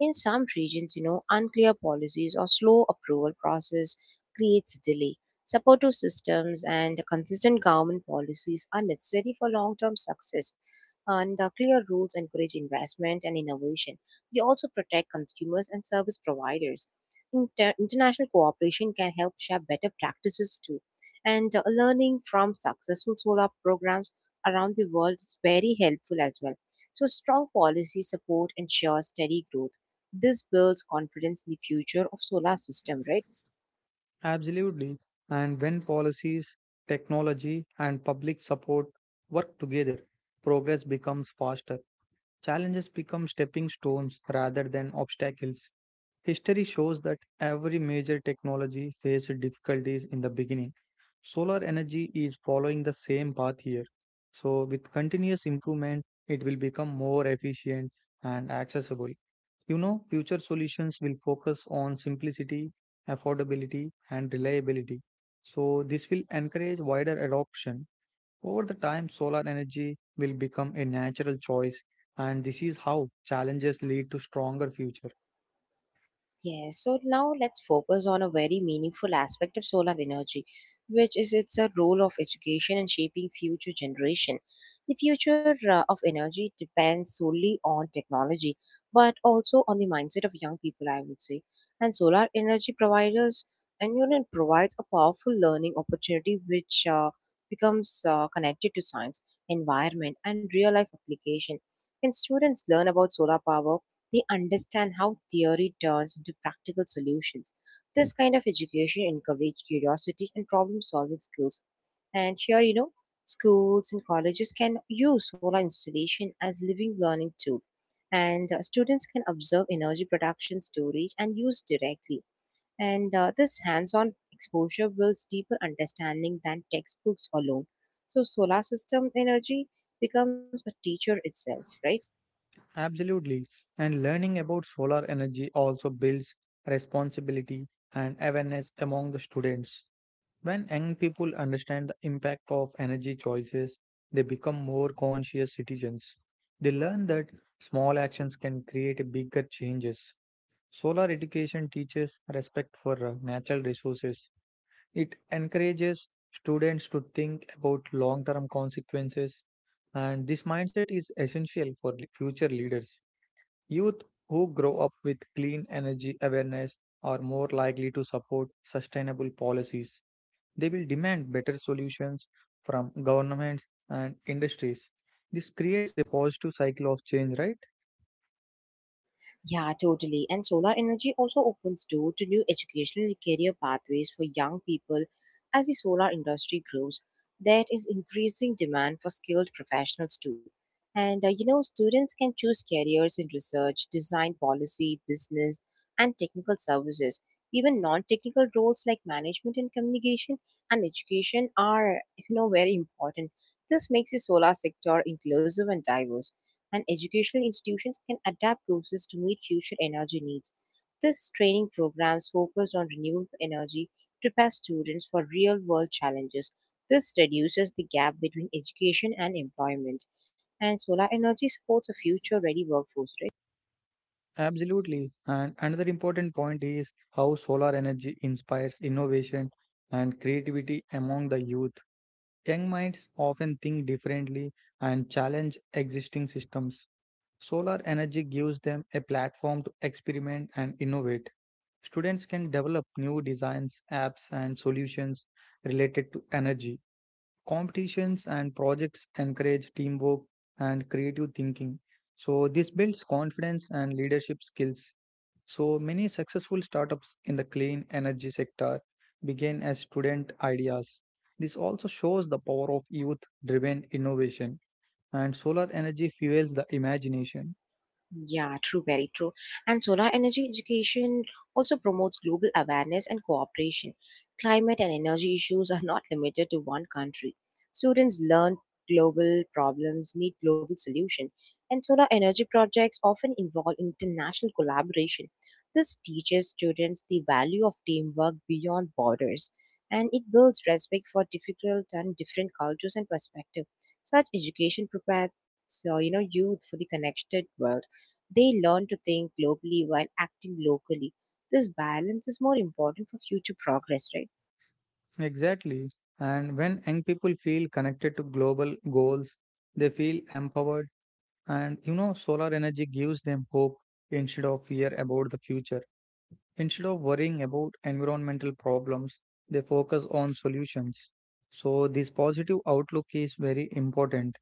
[SPEAKER 1] In some regions, you know, unclear policies or slow approval process creates delay. Supportive systems and consistent government policies are necessary for long-term success. And clear rules encourage investment and innovation. They also protect consumers and service providers. International cooperation can help share better practices too. And learning from successful solar programs around the world is very helpful as well. So strong policy support ensures steady growth. This builds confidence in the future of solar system, right?
[SPEAKER 2] Absolutely. And when policies, technology, and public support work together, progress becomes faster. Challenges become stepping stones rather than obstacles. History shows that every major technology faced difficulties in the beginning. Solar energy is following the same path here. So, with continuous improvement, it will become more efficient and accessible. You know, future solutions will focus on simplicity, affordability, and reliability. So, this will encourage wider adoption. Over the time, solar energy will become a natural choice, and this is how challenges lead to stronger future.
[SPEAKER 1] Yes, so now let's focus on a very meaningful aspect of solar energy, which is its role of education and shaping future generation. The future of energy depends solely on technology, but also on the mindset of young people, I would say. And solar energy providers and union provides a powerful learning opportunity which becomes connected to science, environment, and real life application. When students learn about solar power, they understand how theory turns into practical solutions. This kind of education encourages curiosity and problem solving skills. And here, you know, schools and colleges can use solar installation as living learning tool. And students can observe energy production, storage, and use directly. And this hands on exposure builds deeper understanding than textbooks alone. So, solar system energy becomes a teacher itself, right?
[SPEAKER 2] Absolutely. And learning about solar energy also builds responsibility and awareness among the students. When young people understand the impact of energy choices, they become more conscious citizens. They learn that small actions can create a bigger changes. Solar education teaches respect for natural resources. It encourages students to think about long-term consequences, and this mindset is essential for future leaders. Youth who grow up with clean energy awareness are more likely to support sustainable policies. They will demand better solutions from governments and industries. This creates a positive cycle of change, right?
[SPEAKER 1] Yeah, totally. And solar energy also opens door to new educational and career pathways for young people as the solar industry grows. There is increasing demand for skilled professionals too. And you know, students can choose careers in research, design, policy, business, and technical services. Even non-technical roles like management and communication and education are, you know, very important. This makes the solar sector inclusive and diverse, and educational institutions can adapt courses to meet future energy needs. This training programs focused on renewable energy prepare students for real world challenges. This reduces the gap between education and employment. And solar energy supports a future ready workforce, right?
[SPEAKER 2] Absolutely. And another important point is how solar energy inspires innovation and creativity among the youth. Young minds often think differently and challenge existing systems. Solar energy gives them a platform to experiment and innovate. Students can develop new designs, apps, and solutions related to energy. Competitions and projects encourage teamwork and creative thinking. So, this builds confidence and leadership skills. So, many successful startups in the clean energy sector began as student ideas. This also shows the power of youth driven innovation, and solar energy fuels the imagination.
[SPEAKER 1] Yeah, true, very true. And solar energy education also promotes global awareness and cooperation. Climate and energy issues are not limited to one country. Students learn global problems need global solution, and solar energy projects often involve international collaboration. This teaches students the value of teamwork beyond borders, and it builds respect for difficult and different cultures and perspectives. Such education prepares, so you know, youth for the connected world. They learn to think globally while acting locally. This balance is more important for future progress, right?
[SPEAKER 2] Exactly. And when young people feel connected to global goals, they feel empowered. And you know, solar energy gives them hope instead of fear about the future. Instead of worrying about environmental problems, they focus on solutions. So, this positive outlook is very important.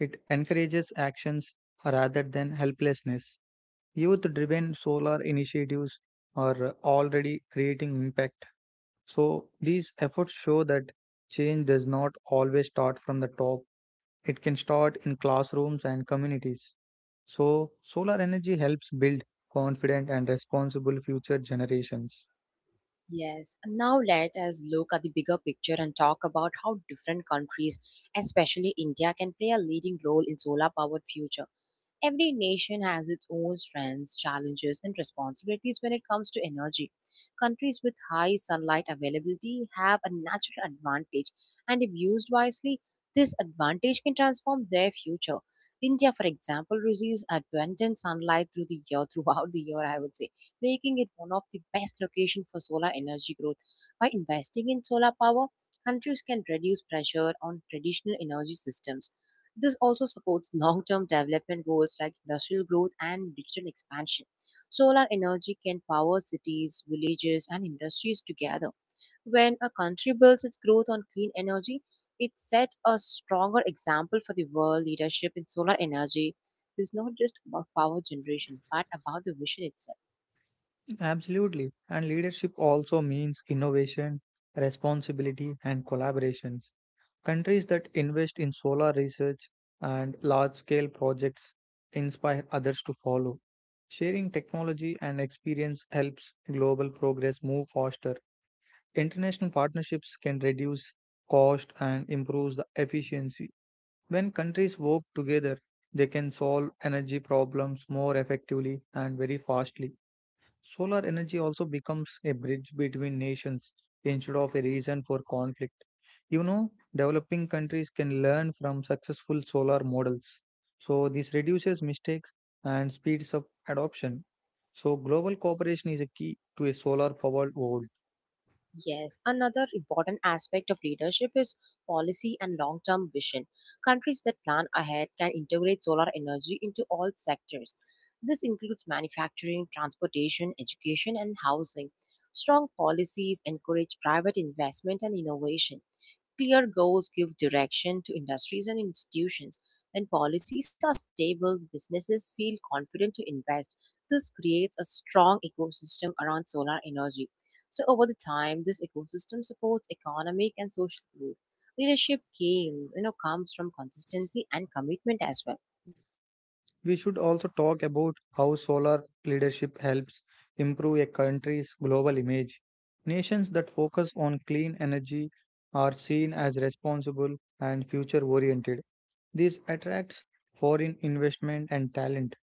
[SPEAKER 2] It encourages actions rather than helplessness. Youth driven solar initiatives are already creating impact. So these efforts show that change does not always start from the top. It can start in classrooms and communities. So solar energy helps build confident and responsible future generations.
[SPEAKER 1] Yes, and now let us look at the bigger picture and talk about how different countries, especially India, can play a leading role in solar powered future. Every nation has its own strengths, challenges, and responsibilities when it comes to energy. Countries with high sunlight availability have a natural advantage, and if used wisely, this advantage can transform their future. India, for example, receives abundant sunlight through the year *laughs* throughout the year, I would say, making it one of the best locations for solar energy growth. By investing in solar power, countries can reduce pressure on traditional energy systems. This also supports long term development goals like industrial growth and digital expansion. Solar energy can power cities, villages, and industries together. When a country builds its growth on clean energy, it set a stronger example for the world. Leadership in solar energy is not just about power generation but about the vision itself.
[SPEAKER 2] Absolutely. And leadership also means innovation, responsibility, and collaborations. Countries that invest in solar research and large scale projects inspire others to follow. Sharing technology and experience helps global progress move faster. International partnerships can reduce cost and improve the efficiency. When countries work together, they can solve energy problems more effectively and very fastly. Solar energy also becomes a bridge between nations instead of a reason for conflict. You know, developing countries can learn from successful solar models. So, this reduces mistakes and speeds up adoption. So, global cooperation is a key to a solar powered world.
[SPEAKER 1] Yes, another important aspect of leadership is policy and long term vision. Countries that plan ahead can integrate solar energy into all sectors. This includes manufacturing, transportation, education, and housing. Strong policies encourage private investment and innovation. Clear goals give direction to industries and institutions. When policies are stable, businesses feel confident to invest. This creates a strong ecosystem around solar energy. So, over the time, this ecosystem supports economic and social growth. Leadership comes from consistency and commitment as well.
[SPEAKER 2] We should also talk about how solar leadership helps improve a country's global image. Nations that focus on clean energy are seen as responsible and future oriented. This attracts foreign investment and talent.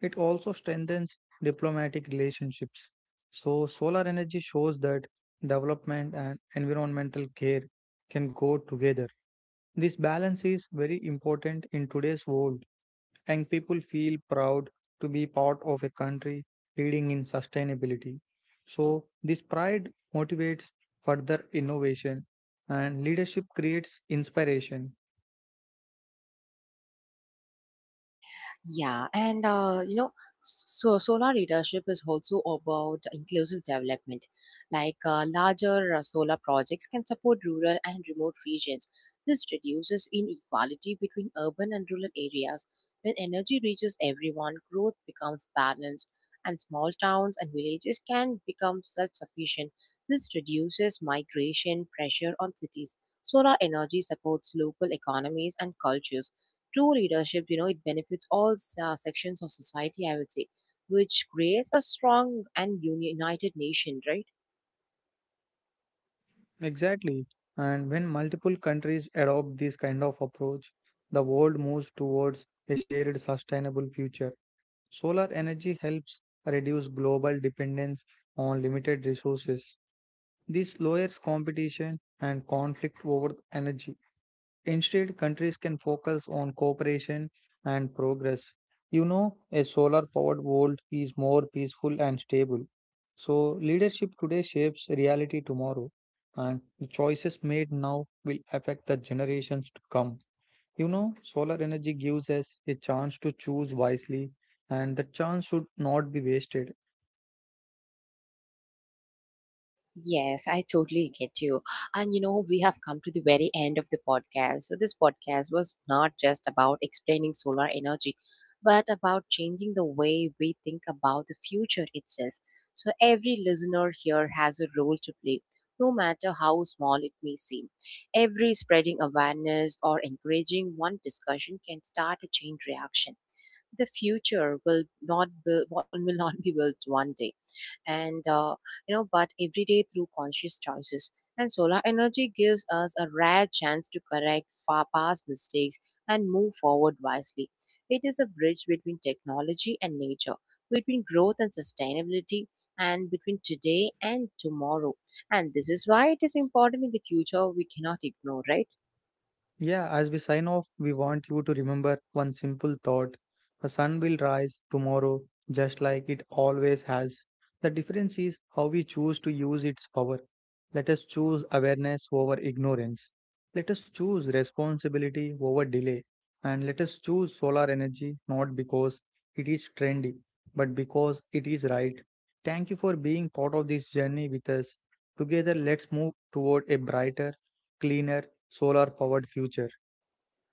[SPEAKER 2] It also strengthens diplomatic relationships. So, solar energy shows that development and environmental care can go together. This balance is very important in today's world, and people feel proud to be part of a country leading in sustainability. So, this pride motivates further innovation, and leadership creates inspiration.
[SPEAKER 1] Yeah, and uh, you know, so solar leadership is also about inclusive development. Larger solar projects can support rural and remote regions. This reduces inequality between urban and rural areas. When energy reaches everyone, growth becomes balanced, and small towns and villages can become self-sufficient. This reduces migration pressure on cities. Solar energy supports local economies and cultures. True leadership, you know, it benefits all sections of society, I would say, which creates a strong and united nation, right?
[SPEAKER 2] Exactly. And when multiple countries adopt this kind of approach, the world moves towards a shared sustainable future. Solar energy helps reduce global dependence on limited resources. This lowers competition and conflict over energy. Instead, countries can focus on cooperation and progress. You know, a solar powered world is more peaceful and stable. So, leadership today shapes reality tomorrow, and the choices made now will affect the generations to come. You know, solar energy gives us a chance to choose wisely, and the chance should not be wasted.
[SPEAKER 1] Yes, I totally get you. And you know, we have come to the very end of the podcast. So, this podcast was not just about explaining solar energy, but about changing the way we think about the future itself. So, every listener here has a role to play, no matter how small it may seem. Every spreading awareness or encouraging one discussion can start a chain reaction. The future will not build, will not be built one day and you know, but every day through conscious choices, and solar energy gives us a rare chance to correct far past mistakes and move forward wisely. It is a bridge between technology and nature, between growth and sustainability, and between today and tomorrow, and this is why it is important in the future we cannot ignore, right?
[SPEAKER 2] Yeah, as we sign off, we want you to remember one simple thought. The sun will rise tomorrow just like it always has. The difference is how we choose to use its power. Let us choose awareness over ignorance. Let us choose responsibility over delay. And let us choose solar energy not because it is trendy, but because it is right. Thank you for being part of this journey with us. Together, let's move toward a brighter, cleaner, solar powered future.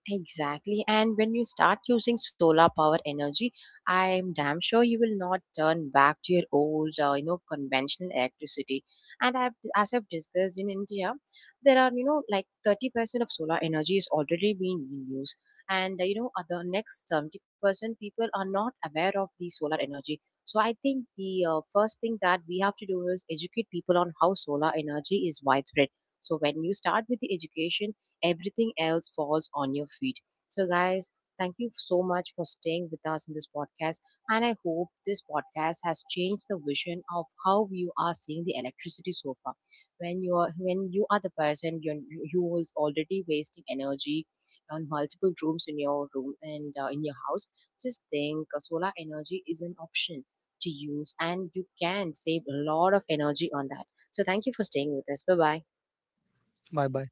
[SPEAKER 1] Exactly. And when you start using solar power energy, I'm damn sure you will not turn back to your old, you know, conventional electricity. As I've discussed in India, there are, you know, like 30% of solar energy is already being in use. The next 70% people are not aware of the solar energy. So I think the first thing that we have to do is educate people on how solar energy is widespread. So when you start with the education, everything else falls on your feet. So, guys, thank you so much for staying with us in this podcast. And I hope this podcast has changed the vision of how you are seeing the electricity so far. When you are the person you who is already wasting energy on multiple rooms in your room and in your house, just think solar energy is an option to use and you can save a lot of energy on that. So thank you for staying with us. Bye bye.
[SPEAKER 2] Bye bye.